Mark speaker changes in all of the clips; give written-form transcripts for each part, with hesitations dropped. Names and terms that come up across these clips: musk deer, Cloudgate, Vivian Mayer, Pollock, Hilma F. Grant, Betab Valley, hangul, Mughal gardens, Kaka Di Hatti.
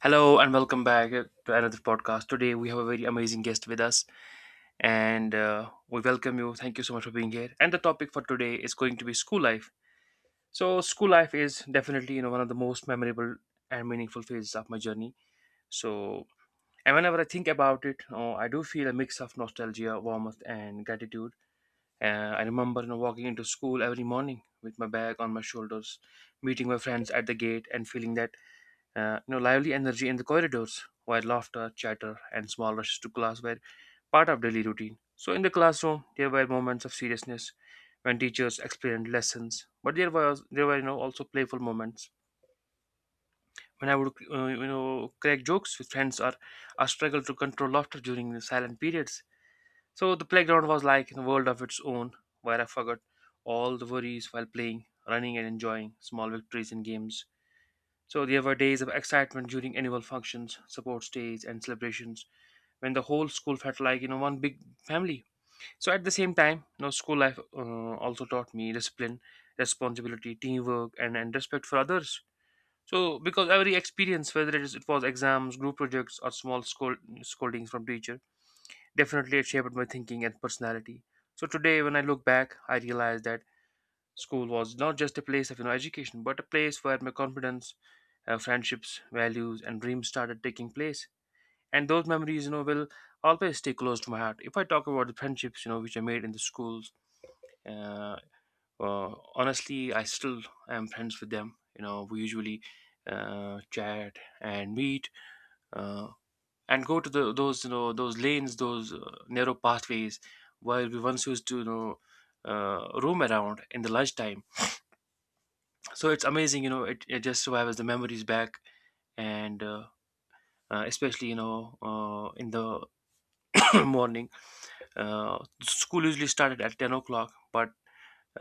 Speaker 1: Hello and welcome back to another podcast. Today we have a very amazing guest with us, and we welcome you. Thank you so much for being here. And the topic for today is going to be school life. So school life is definitely one of the most memorable and meaningful phases of my journey. So and whenever I think about it, oh, I do feel a mix of nostalgia, warmth, and gratitude. I remember walking into school every morning with my bag on my shoulders, meeting my friends at the gate, and feeling that lively energy in the corridors, while laughter, chatter, and small rushes to class were part of daily routine. So in the classroom, there were moments of seriousness when teachers explained lessons, but there were also playful moments when I would crack jokes with friends, or I struggled to control laughter during the silent periods. So the playground was like a world of its own, where I forgot all the worries while playing, running, and enjoying small victories in games. So there were days of excitement during annual functions, sports days, and celebrations when the whole school felt like one big family. So at the same time, you know, school life also taught me discipline, responsibility, teamwork, and respect for others. So because every experience, whether it was exams, group projects, or scoldings from teacher, definitely it shaped my thinking and personality. So today, when I look back, I realize that school was not just a place of education, but a place where my confidence, friendships, values, and dreams started taking place. And those memories, will always stay close to my heart. If I talk about the friendships, which I made in the schools, uh, honestly, I still am friends with them. You know, we usually chat and meet uh, and go to the those you know those lanes, those narrow pathways, where we once used to roam around in the lunchtime. So it's amazing. It just survives the memories back, and especially in the morning, uh, school usually started at 10 o'clock, but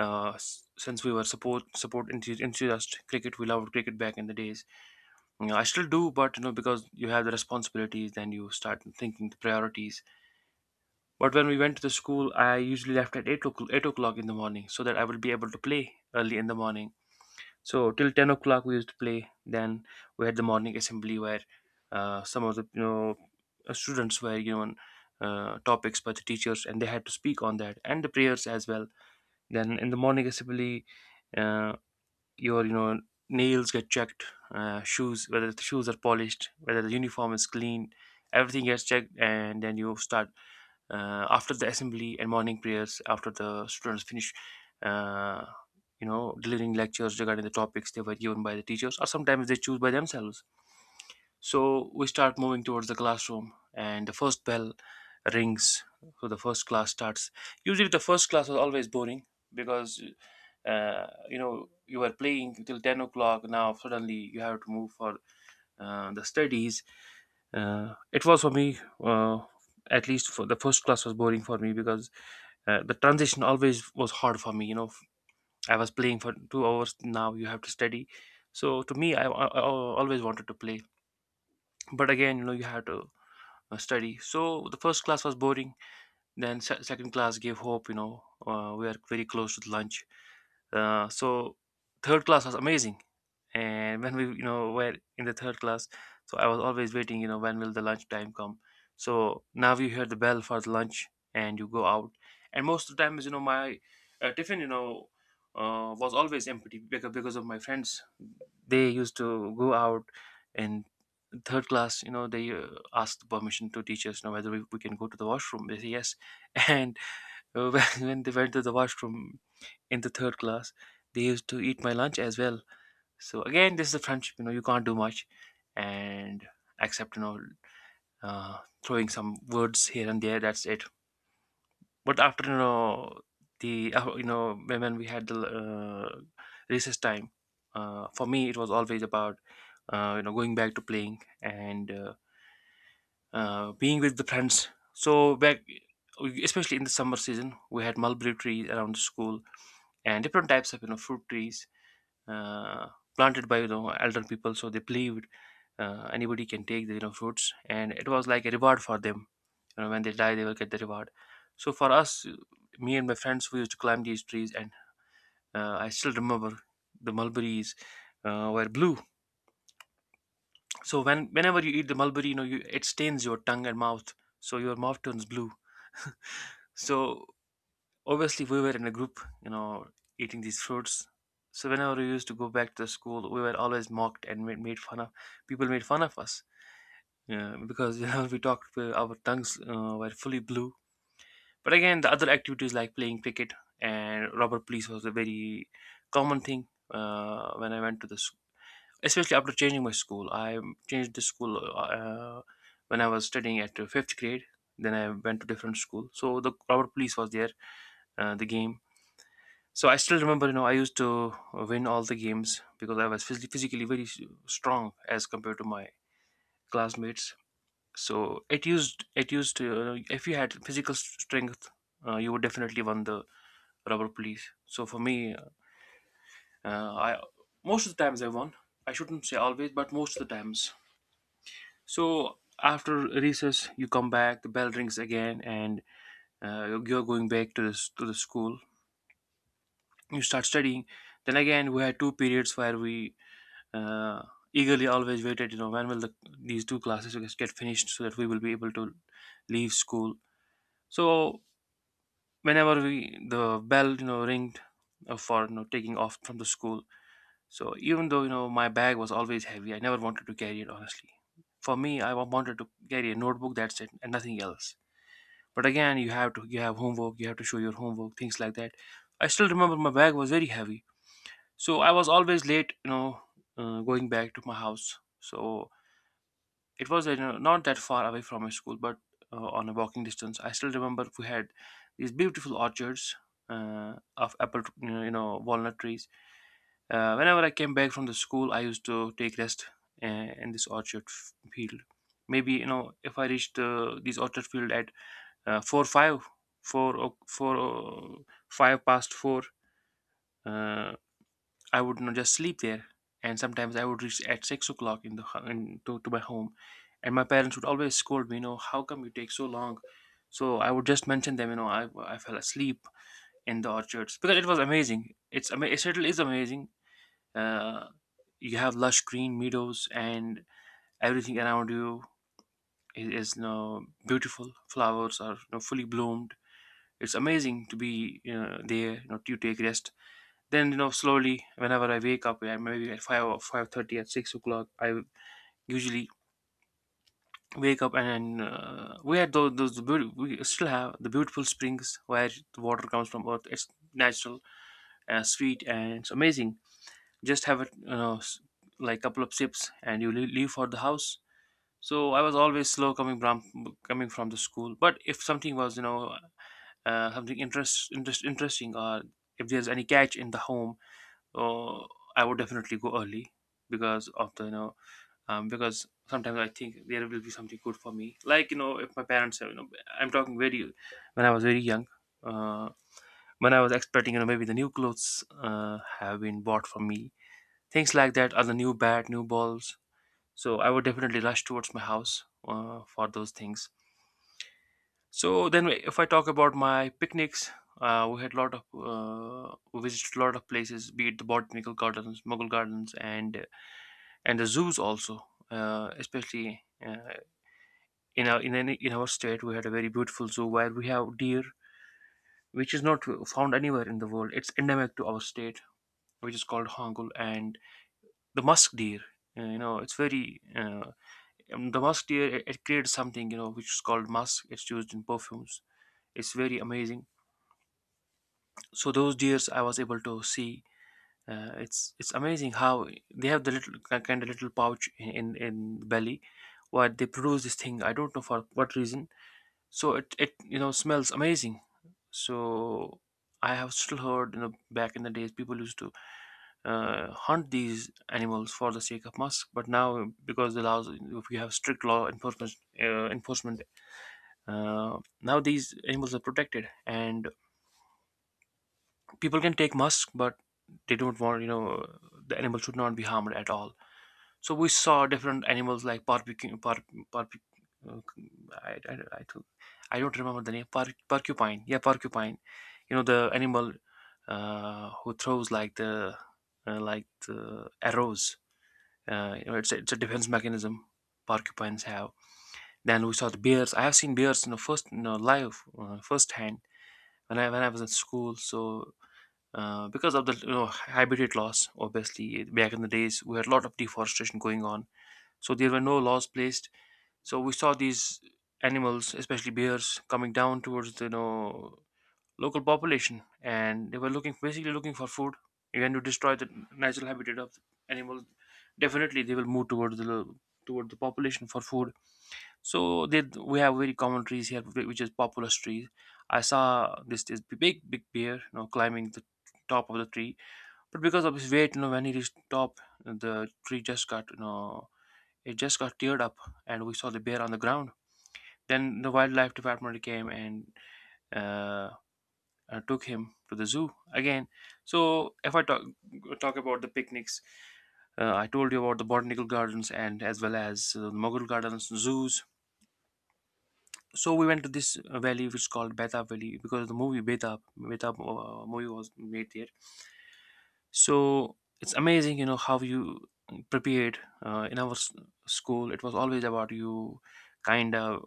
Speaker 1: since we were enthusiast cricket. We loved cricket back in the days. You know, I still do, but because you have the responsibilities, then you start thinking the priorities. But when we went to the school, I usually left at 8 o'clock, 8 o'clock in the morning, so that I would be able to play early in the morning. So till 10 o'clock we used to play. Then we had the morning assembly where some of the students were given topics by the teachers, and they had to speak on that, and the prayers as well. Then in the morning assembly, uh, your nails get checked, shoes, whether the shoes are polished, whether the uniform is clean, everything gets checked, and then you start after the assembly and morning prayers, after the students finish uh, delivering lectures regarding the topics they were given by the teachers, or sometimes they choose by themselves. So we start moving towards the classroom, and the first bell rings. So the first class starts. Usually the first class was always boring because you were playing till 10 o'clock, now suddenly you have to move for the studies. It was for me, at least for the first class was boring for me because the transition always was hard for me. You know, I was playing for 2 hours. Now you have to study. So to me, I always wanted to play, but again, you know, you have to study. So the first class was boring. Then second class gave hope. You know, we are very close to the lunch. So third class was amazing, and when we were in the third class, so I was always waiting, you know, when will the lunch time come. So now you hear the bell for the lunch and you go out, and most of the times my tiffin was always empty because of my friends. They used to go out in third class, you know, they asked permission to teachers, you know, whether we can go to the washroom, they say yes and when they went to the washroom in the third class, they used to eat my lunch as well. So again, this is a friendship. You know, you can't do much, and except uh, throwing some words here and there. That's it. But after the you know when we had the recess time, for me it was always about going back to playing, and being with the friends. So back, especially in the summer season, we had mulberry trees around the school, and different types of fruit trees. Uh, Planted by elder people, so they believed anybody can take the fruits, and it was like a reward for them, you know, when they die they will get the reward. So for us, me and my friends, we used to climb these trees, and I still remember the mulberries were blue. So whenever you eat the mulberry, you know, it stains your tongue and mouth, so your mouth turns blue. So obviously we were in a group, you know, eating these fruits. So whenever we used to go back to the school, we were always mocked and made fun of. People made fun of us, because you know, we talked, our tongues were fully blue. But again, the other activities like playing cricket and rubber police was a very common thing when I went to the school. Especially after changing my school, I changed the school when I was studying at the fifth grade. Then I went to different school, so the rubber police was there, the game. So I still remember, you know, I used to win all the games because I was physically very strong as compared to my classmates. So it used if you had physical strength, you would definitely won the rubber police. So for me, I most of the times I won. I shouldn't say always, but most of the times. So after recess, you come back. The bell rings again, and you're going back to to the school. You start studying. Then again, we had two periods where we uh, eagerly always waited. You know, when will these two classes get finished so that we will be able to leave school. So whenever we the bell ringed for taking off from the school, so even though my bag was always heavy, I never wanted to carry it honestly. For me, I wanted to carry a notebook, that's it and nothing else. But again, you have to, you have homework, you have to show your homework, things like that. I still remember my bag was very heavy, so I was always late, you know, going back to my house. So it was not that far away from my school, but on a walking distance. I still remember we had these beautiful orchards of apple, walnut trees. Whenever I came back from the school, I used to take rest in this orchard field. Maybe, you know, if I reached this orchard field at four five, five past four. Uh, I would not just sleep there, and sometimes I would reach at 6 o'clock in the ho- in, to my home, and my parents would always scold me, you know, how come you take so long? So I would just mention them, you know, I fell asleep in the orchards because it was amazing. It certainly is amazing. Uh, you have lush green meadows, and everything around you is beautiful. Flowers are fully bloomed. It's amazing to be there. You know, you take rest, then slowly, whenever I wake up, yeah, maybe at 5 or 5:30, at 6 o'clock, I usually wake up and we had we still have the beautiful springs where the water comes from earth. It's natural, sweet, and it's amazing. Just have it, like couple of sips, and you leave for the house. So I was always slow coming from the school. But if something was, something interesting, or if there's any catch in the home, uh, I would definitely go early because of the you know because sometimes I think there will be something good for me. Like, you know, if my parents have, you know, I'm talking very, when I was very young, uh, when I was expecting, you know, maybe the new clothes have been bought for me, things like that, are the new balls. So I would definitely rush towards my house for those things. So then, if I talk about my picnics, we had a lot of we visited a lot of places, be it the botanical gardens, Mughal gardens, and the zoos also, especially in our in our state we had a very beautiful zoo where we have deer which is not found anywhere in the world. It's endemic to our state, which is called hangul. And the musk deer, you know it's very the musk deer, it creates something, you know, which is called musk. It's used in perfumes. It's very amazing. So those deers I was able to see. It's amazing how they have the little kind of little pouch in in the belly where they produce this thing. I don't know for what reason. So it you know, smells amazing. So I have still heard, you know, back in the days people used to hunt these animals for the sake of musk. But now because the laws, if you have strict law enforcement, now these animals are protected, and people can take musk, but they don't want, you know, the animal should not be harmed at all. So we saw different animals like barbecue, bar, barbe- uh, I, I, I, don't I don't remember the name. Porcupine, yeah, porcupine. You know, the animal, who throws like the, like the arrows. You know, it's a defense mechanism porcupines have. Then we saw the bears. I have seen bears in the first, you know, live, firsthand, when I was in school. So because of the, you know, habitat loss, obviously back in the days we had a lot of deforestation going on, so there were no laws placed. So we saw these animals, especially bears, coming down towards the, you know, local population, and they were looking, basically looking for food. When you destroy the natural habitat of animals, definitely they will move towards the toward the population for food. So they, we have very common trees here, which is populous trees. I saw this big bear, you know, climbing the top of the tree. But because of his weight, you know, when he reached top, the tree just got, you know, it just got teared up, and we saw the bear on the ground. Then the wildlife department came and uh, took him to the zoo again. So if I talk about the picnics, I told you about the botanical gardens, and as well as the Mughal gardens, zoos. So we went to this valley which is called Betab Valley, because the movie Betab movie was made there. So it's amazing, you know, how you prepared school. It was always about you kind of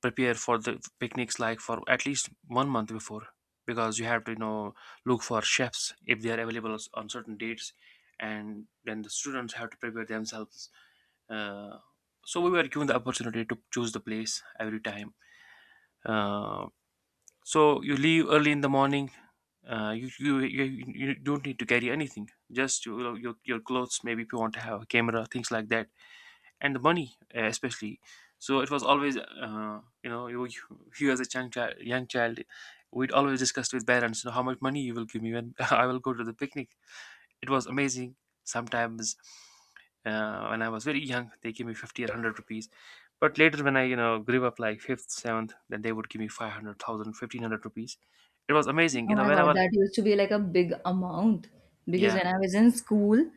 Speaker 1: prepare for the picnics like for at least 1 month before, because you have to, you know, look for chefs if they are available on certain dates. And then the students have to prepare themselves. uh, so we were given the opportunity to choose the place every time. uh, so you leave early in the morning. You, You don't need to carry anything, just, you know, your clothes, maybe if you want to have a camera, things like that, and the money, especially. So it was always, you, you as a young young child, we'd always discuss with parents, you know, how much money you will give me when I will go to the picnic. It was amazing sometimes. When I was very young, they gave me 50 or 100 rupees. But later, when I, you know, grew up, like fifth, seventh, then they would give me 500,000, 1,500 rupees. It was amazing, you
Speaker 2: Oh
Speaker 1: know,
Speaker 2: my God,
Speaker 1: whenever.
Speaker 2: that used to be like a big amount because
Speaker 1: Yeah.
Speaker 2: when I was in school,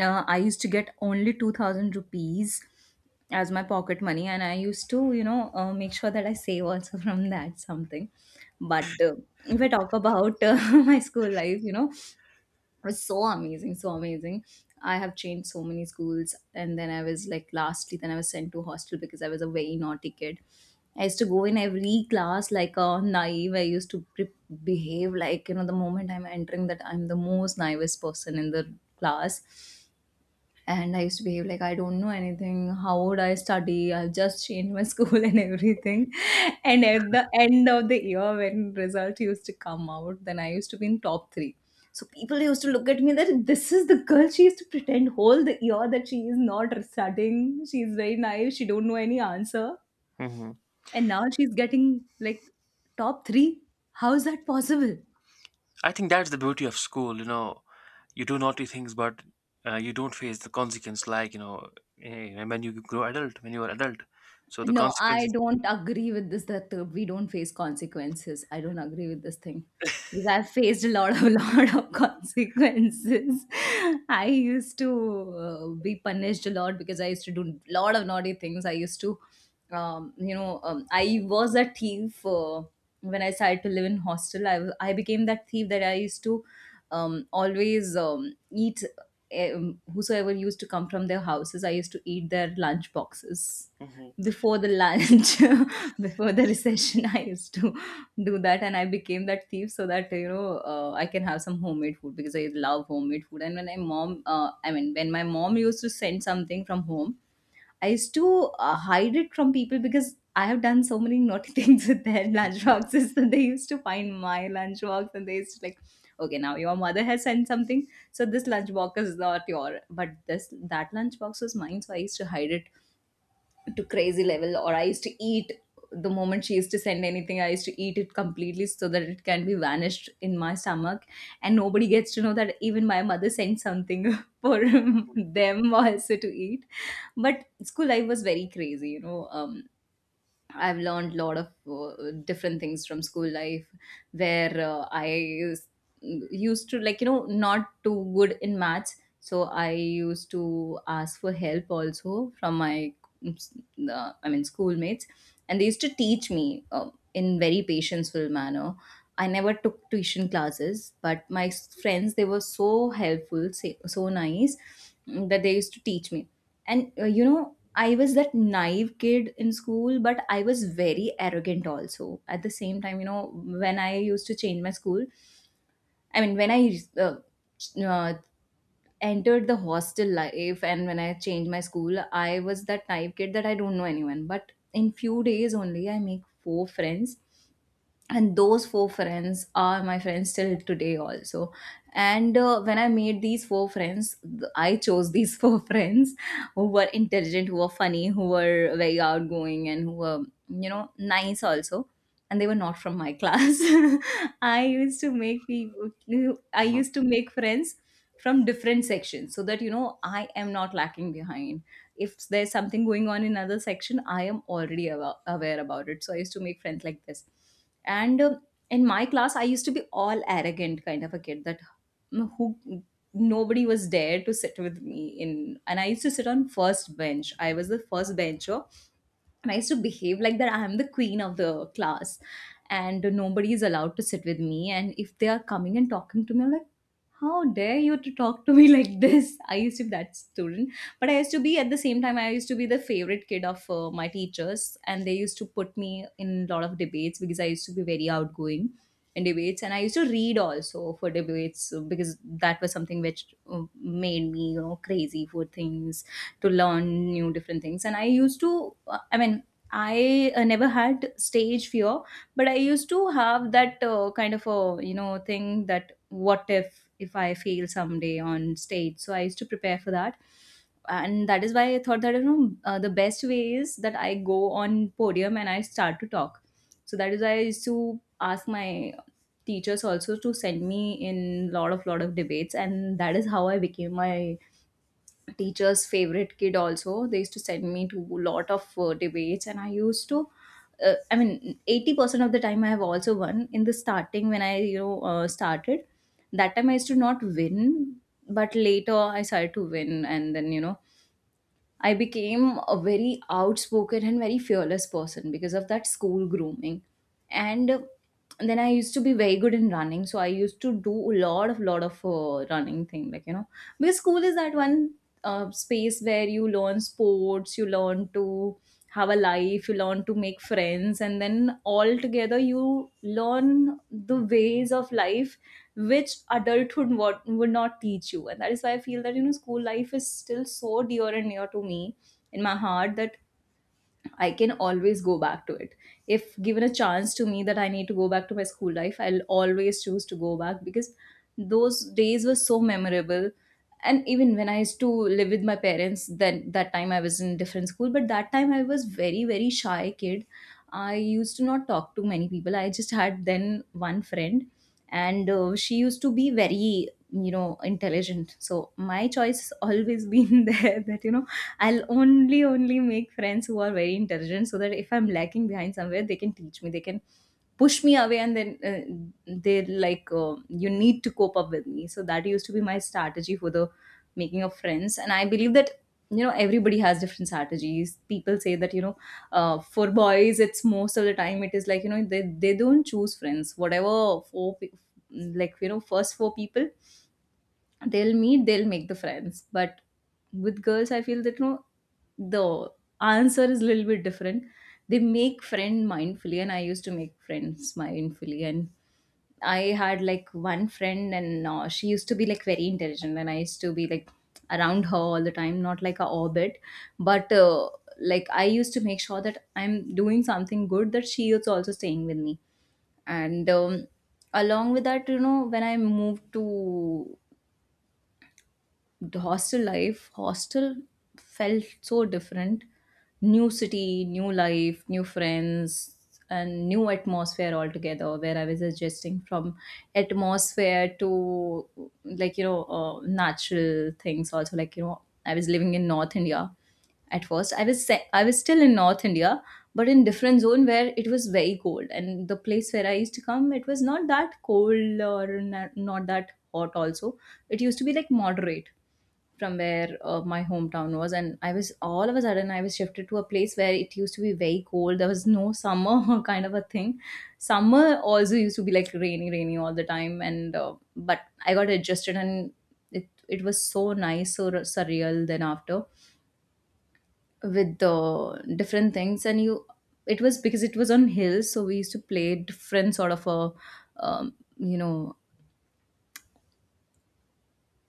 Speaker 2: I used to get only 2000 rupees as my pocket money, and I used to, make sure that I save also from that something. But if I talk about my school life was so amazing, so amazing. I have changed so many schools, and then I was like, lastly, then I was sent to hostel because I was a very naughty kid. I used to go in every class like a naive. I used to pre- Behave like, you know, the moment I'm entering, that I'm the most naivest person in the class, and I used to behave like I don't know anything. How would I study? I've just changed my school and everything. And at the end of the year, when result used to come out, then I used to be in top three. So people used to look at me that this is the girl, she used to pretend whole the year that she is not studying. She is very naive. She don't know any answer,
Speaker 1: Hmm.
Speaker 2: and now she's getting like top three. How is that possible?
Speaker 1: I think that's the beauty of school, you know, you do naughty things, but you don't face the consequence, like, you know, when you grow adult, when you are adult, so the
Speaker 2: No, I
Speaker 1: consequences.
Speaker 2: don't agree with this that we don't face consequences. I don't agree with this thing because I've faced a lot of lot of consequences. I used to be punished a lot because I used to do a lot of naughty things. I used to, I was a thief when I started to live in hostel. I became that thief that I used to always eat. Whosoever used to come from their houses, I used to eat their lunch boxes
Speaker 1: Mhm.
Speaker 2: before the lunch, before the recession. I used to do that, and I became that thief so that, you know, I can have some homemade food because I love homemade food. And when my mom when my mom used to send something from home, I used to hide it from people because I have done so many naughty things with their lunch boxes that they used to find my lunch box and they used to like, okay, now your mother has sent something, so this lunch box is not your, but this that lunch box was mine, so I used to hide it to crazy level. Or I used to eat the moment she used to send anything, I used to eat it completely so that it can be vanished in my stomach, and nobody gets to know that even my mother sent something for them also to eat. But school life was very crazy, you know. I've learned a lot of different things from school life, where used to like, you know, not too good in maths, so I used to ask for help also from my schoolmates, and they used to teach me in very patience full manner. I never took tuition classes, but friends, they were so helpful, so nice, that they used to teach me. And you know, I was that naive kid in school, but I was very arrogant also. At the same time, you know, when I used to change my school, I mean, when I uh, entered the hostel life, and when I changed my school, I was that naive kid that I don't know anyone. But in few days only, I make four friends, and those four friends are my friends till today also. And when I made these four friends, I chose these four friends who were intelligent, who were funny, who were very outgoing, and who were, you know, nice also. And they were not from my class. I
Speaker 1: Mhm.
Speaker 2: used to make friends from different sections so that, you know, I am not lacking behind. If there's something going on in another section, I am already aware about it, so I used to make friends like this. And in my class, I used to be all arrogant kind of a kid, that who, nobody was there to sit with me in, and I used to sit on first bench. I was the first bencher, and I used to behave like that I am the queen of the class and nobody is allowed to sit with me. And if they are coming and talking to me, I'm like, how dare you to talk to me like this? I used to be that student. But I used to be, at the same time, I used to be the favorite kid of my teachers. And they used to put me in a lot of debates because I used to be very outgoing in debates. And I used to read also for debates because that was something which made me, you know, crazy for things, to learn new different things. And I used to, I mean, I never had stage fear, but I used to have that kind of a, you know, thing that, what if I fail someday on stage. So I used to prepare for that, and that is why I thought that, you know, the best way is that I go on podium and I start to talk. So that is why I used to ask my teachers also to send me in lot of debates, and that is how I became my teacher's favorite kid also. They used to send me to a lot of debates, and I used to 80% of the time I have also won. In the starting, when I you know started, that time I used to not win, but later I started to win, and then, you know, I became a very outspoken and very fearless person because of that school grooming. And then I used to be very good in running, so I used to do a lot of running thing, like, you know, because school is that one space where you learn sports, you learn to have a life, you learn to make friends, and then all together you learn the ways of life which adulthood would not teach you. And that is why I feel that, you know, school life is still so dear and near to me in my heart, that I can always go back to it. If given a chance to me that I need to go back to my school life, I'll always choose to go back because those days were so memorable. And even when I used to live with my parents, then that time I was in different school, but that time I was very, very shy kid. I used to not talk to many people. I just had then one friend, and she used to be very, you know, intelligent. So my choice always been there, that, you know, I'll only make friends who are very intelligent, so that if I'm lacking behind somewhere, they can teach me, they can push me away. And then they're like, you need to cope up with me. So that used to be my strategy for the making of friends. And I believe that, you know, everybody has different strategies. People say that, you know, for boys, it's most of the time, it is like, you know, they don't choose friends. Whatever like, you know, first four people they'll meet, they'll make the friends. But with girls, I feel that, you know, the answer is a little bit different. They make friend mindfully, and I used to make friends mindfully. And I had like one friend, and she used to be like very intelligent, and I used to be like around her all the time, not like a orbit, but like, I used to make sure that I'm doing something good, that she is also staying with me. And along with that, you know, when I moved to the hostel life, hostel felt so different. New city, new life, new friends, and new atmosphere altogether, where I was adjusting from atmosphere to, like, you know, natural things also. Like, you know, I was living in north India. At first, I was still in north India, but in different zone where it was very cold, and the place where I used to come, it was not that cold or not that hot also. It used to be like moderate from where my hometown was. And I was all of a sudden, I was shifted to a place where it used to be very cold. There was no summer kind of a thing. Summer also used to be like rainy all the time. And But I got adjusted and it was so nice, so surreal. Then after, with the different things and you, it was because it was on hills, so we used to play different sort of a um, you know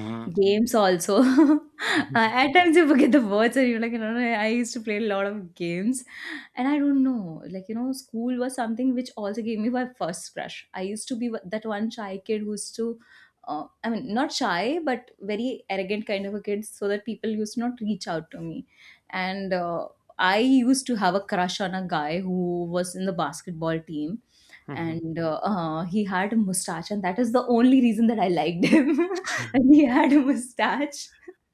Speaker 1: Mhm.
Speaker 2: games also. At times you forget the words and you're like, I used to play a lot of games. And I don't know, like, school was something which also gave me my first crush. I used to be that one shy kid who used to, I mean, not shy, but very arrogant kind of a kid, so that people used to not reach out to me. And I used to have a crush on a guy who was in the basketball team.
Speaker 1: Mhm.
Speaker 2: And he had a mustache, and that is the only reason that I liked him, that he had a mustache.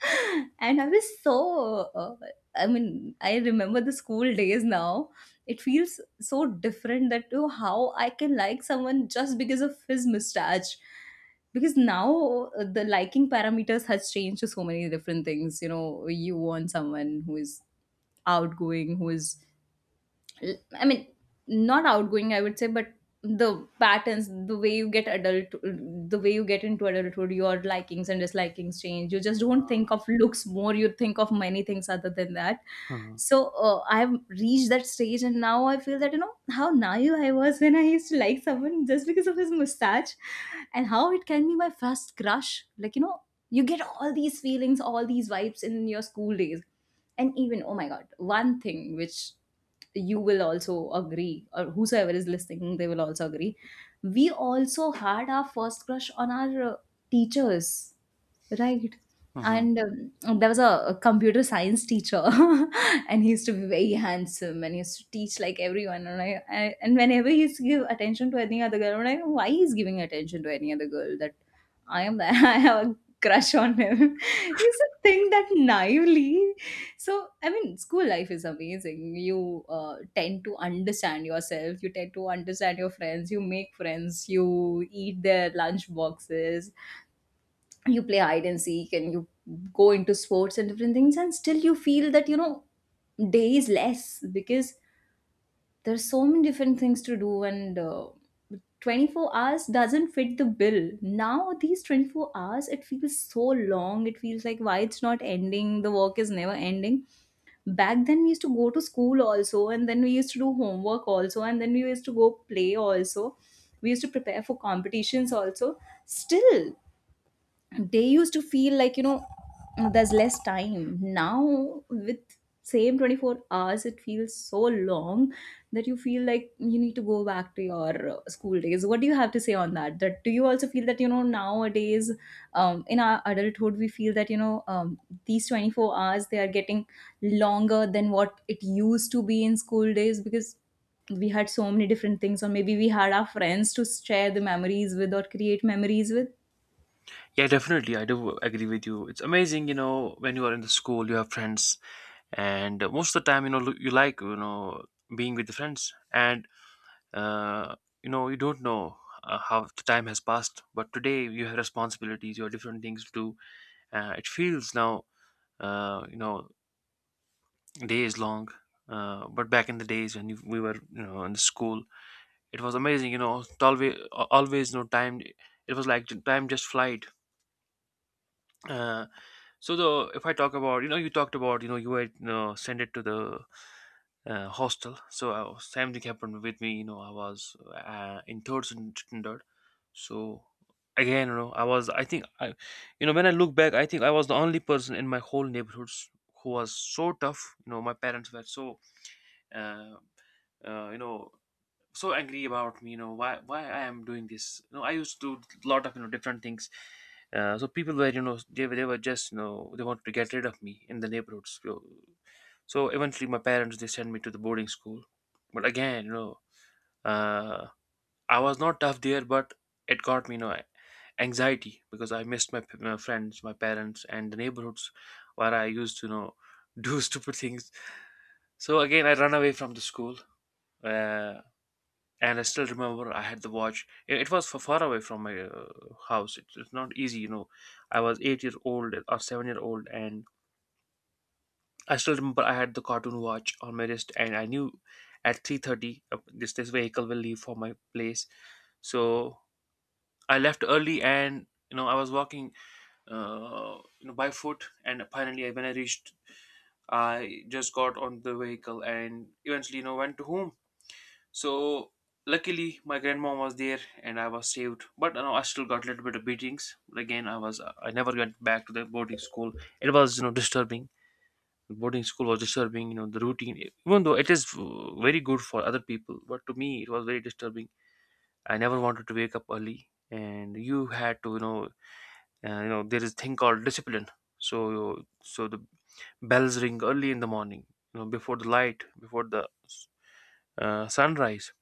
Speaker 2: And I was so, I mean, I remember the school days now. It feels so different that, oh, how I can like someone just because of his mustache. Because now, the liking parameters has changed to so many different things. You know, you want someone who is outgoing, who is I mean, not outgoing, I would say, but the patterns, the way you get adult, the way you get into adulthood, your likings and dislikings change. You just don't think of looks more, you think of many things other than that.
Speaker 1: Mhm.
Speaker 2: So I've reached that stage, and now I feel that, you know, how naive I was when I used to like someone just because of his mustache. And how it can be my first crush, like, you know, you get all these feelings, all these vibes in your school days. And even, oh my god, one thing which you will also agree, or whosoever is listening, they will also agree, we also had our first crush on our teachers. Right.
Speaker 1: Mhm.
Speaker 2: And there was a computer science teacher, and he used to be very handsome, and he used to teach like everyone. And I and whenever he used to give attention to any other girl, I'm like, why he's giving attention to any other girl? That I am that, I have a crush on him. We used to think that naively. So I mean, school life is amazing. You tend to understand yourself. You tend to understand your friends. You make friends. You eat their lunch boxes, you play hide and seek, and you go into sports and different things, and still you feel that, you know, day is less because there's so many different things to do. And 24 hours doesn't fit the bill. Now these 24 hours, it feels so long. It feels like, why it's not ending? The work is never ending. Back then we used to go to school also, and then we used to do homework also, and then we used to go play also. We used to prepare for competitions also. Still they used to feel like, you know, there's less time now. With same 24 hours, it feels so long, that you feel like you need to go back to your school days. What do you have to say on that? That do you also feel that, you know, nowadays, in our adulthood, we feel that, you know, these 24 hours, they are getting longer than what it used to be in school days, because we had so many different things, or maybe we had our friends to share the memories with, or create memories with
Speaker 1: Yeah, definitely, I do agree with you. It's amazing, you know, when you are in the school you have friends, and most of the time, you know, you like, you know, being with the friends. And uh, you know, you don't know how the time has passed. But today you have responsibilities, you have different things to do. It feels now, you know, days long. But back in the days when we were, you know, in the school, it was amazing. You know, always, always no time. It was like time just flight. Uh, so the, if I talk about, you know, you talked about, you know, you were, you know, sent it to the hostel. So I was, same thing happened with me. You know, I was in third standard. So again, you know, I was, I think I, you know, when I look back, I think I was the only person in my whole neighborhoods who was so tough. You know, my parents were so, Uh, you know, so angry about me. You know, why I am doing this. You know, I used to do a lot of, you know, different things. So people were, you know, they were just, you know, they wanted to get rid of me in the neighborhoods. So, so eventually my parents, they sent me to the boarding school. But again, you know, uh, I was not tough there, but it got me, you know, anxiety, because I missed my friends, my parents, and the neighborhoods where I used to, you know, do stupid things. So again, I run away from the school. uh, and I still remember I had the watch. It was for far away from my house. It's not easy, you know. I was 8 year old, or 7 year old, and I still remember I had the cartoon watch on my wrist, and I knew at 3:30, this this vehicle will leave for my place. So I left early, and you know, I was walking, you know, by foot, and finally when I reached, I just got on the vehicle and eventually, you know, went to home. So luckily, my grandma was there, and I was saved. But you know, I still got a little bit of beatings. But again, I was, I never went back to the boarding school. It was, you know, disturbing. Boarding school was disturbing. You know, the routine, even though it is very good for other people, but to me it was very disturbing. I never wanted to wake up early, and you had to, you know, you know, there is a thing called discipline. So so the bells ring early in the morning. You know, before the light, before the sunrise,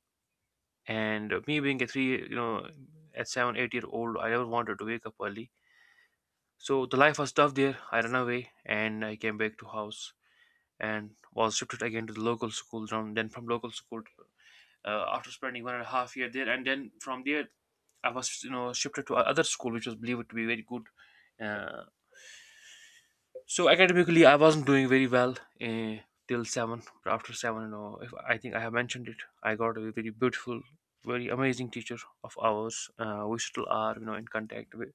Speaker 1: and me being a three, you know, at 7, 8 year old, I never wanted to wake up early. So the life was tough there. I ran away and I came back to house, and was shifted again to the local school. From then, from local school, after spending one and a half year there, and then from there I was, you know, shifted to other school, which was believed to be very good. Uh, So academically, I wasn't doing very well uh, till seven. But after seven, you know, if I think I have mentioned it, I got a very beautiful, very amazing teacher of ours. We still are, you know, in contact with.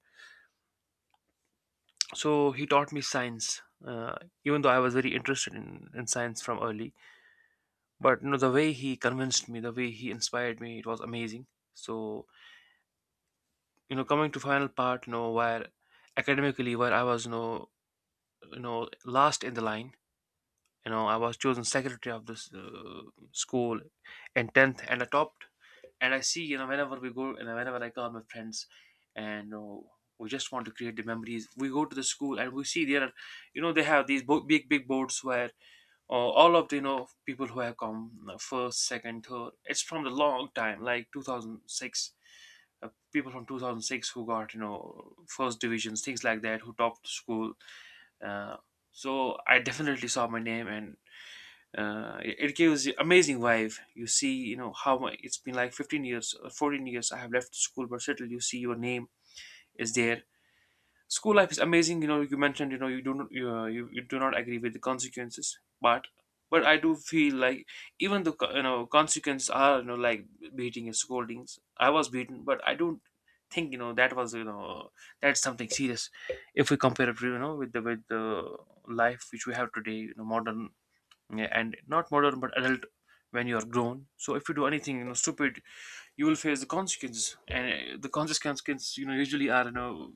Speaker 1: So he taught me science. Even though I was very interested in science from early, but you know, the way he convinced me, the way he inspired me, it was amazing. So coming to final part, where academically where I was, last in the line. You know, I was chosen secretary of this school in 10th and I topped. And I see, you know, whenever we go and whenever I call my friends and, you know, we just want to create the memories. We go to the school and we see there are, you know, they have these big big boards where uh, all of the, you know, people who have come first, second, third, it's from the long time, like 2006. People from 2006 who got, you know, first divisions, things like that, who topped the school. uh, so I definitely saw my name, and it gives you amazing vibe. You see, you know, it's been like 15 years or 14 years I have left school, but still you see your name is there. School life is amazing. You know, you mentioned, you know, you do not, you do not agree with the consequences, but I do feel like even the you know, consequences are, you know, like beating and scoldings. I was beaten, but I don't think, you know, that was, you know, that's something serious if we compare it, you know, with the life which we have today, you know, modern, yeah, and not modern but adult. When you are grown, so if you do anything, you know, stupid, you will face the consequences. And the consequences, you know, usually are, you know,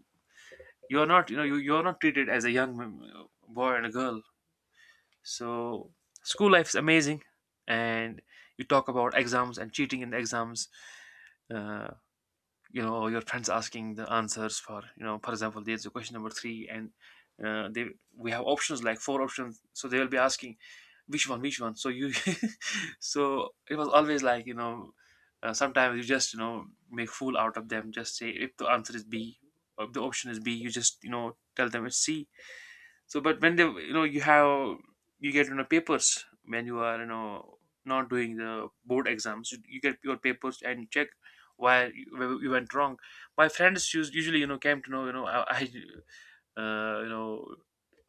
Speaker 1: you're not, you know, you're not treated as a young boy and a girl. So school life is amazing. And you talk about exams and cheating in the exams. Uh, you know, your friends asking the answers for, you know, for example, there's a question number three and they we have options, like four options, so they will be asking which one, which one. So you so it was always like, you know, sometimes you just, you know, make fool out of them, just say if the answer is b, or if the option is b, you just, you know, tell them it's c. So, but when they, you know, you have, you get, you know, papers when you are, you know, not doing the board exams, you get your papers and you check why you, where you went wrong. My friends used, usually, you know, came to know, you know, I uh, you know,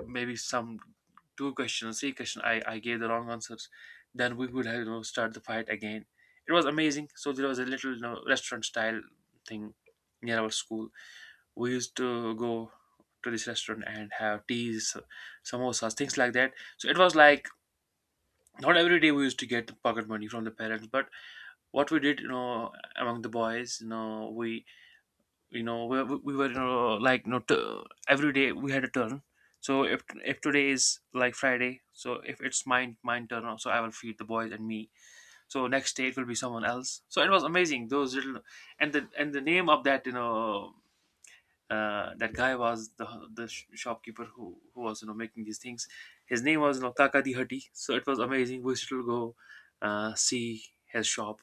Speaker 1: maybe some two questions, three questions, I gave the wrong answers. Then we would have, you know, start the fight again. It was amazing. So there was a little, you know, restaurant style thing near our school. We used to go to this restaurant and have teas, samosas, things like that. So it was like not every day we used to get the pocket money from the parents, but what we did, you know, among the boys, you know, we, you know, we were, you know, like, you know, every day we had a turn. So if today is like Friday, so if it's mine turn, so I will feed the boys and me. So next day it will be someone else. So it was amazing. Those little. And the name of that, you know, that guy was the shopkeeper who was, you know, making these things. His name was, you know, Kaka Di Hatti, so it was amazing. We used go see his shop.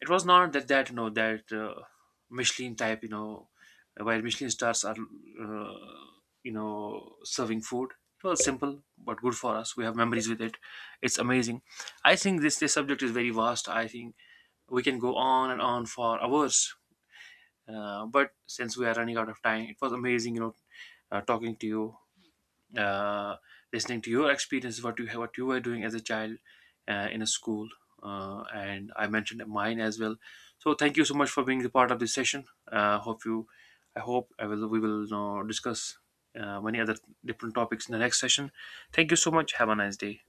Speaker 1: It was not that you know, that Michelin type, you know, where Michelin stars are you know, serving food. It was simple but good for us. We have memories with it. It's amazing. I think this subject is very vast. I think we can go on and on for hours, but since we are running out of time, it was amazing, you know, talking to you, uh, listening to your experiences, what you were doing as a child in a school, and I mentioned mine as well. So thank you so much for being the part of this session. Hope you, I hope I will we will, you know, discuss many other different topics in the next session. Thank you so much. Have a nice day.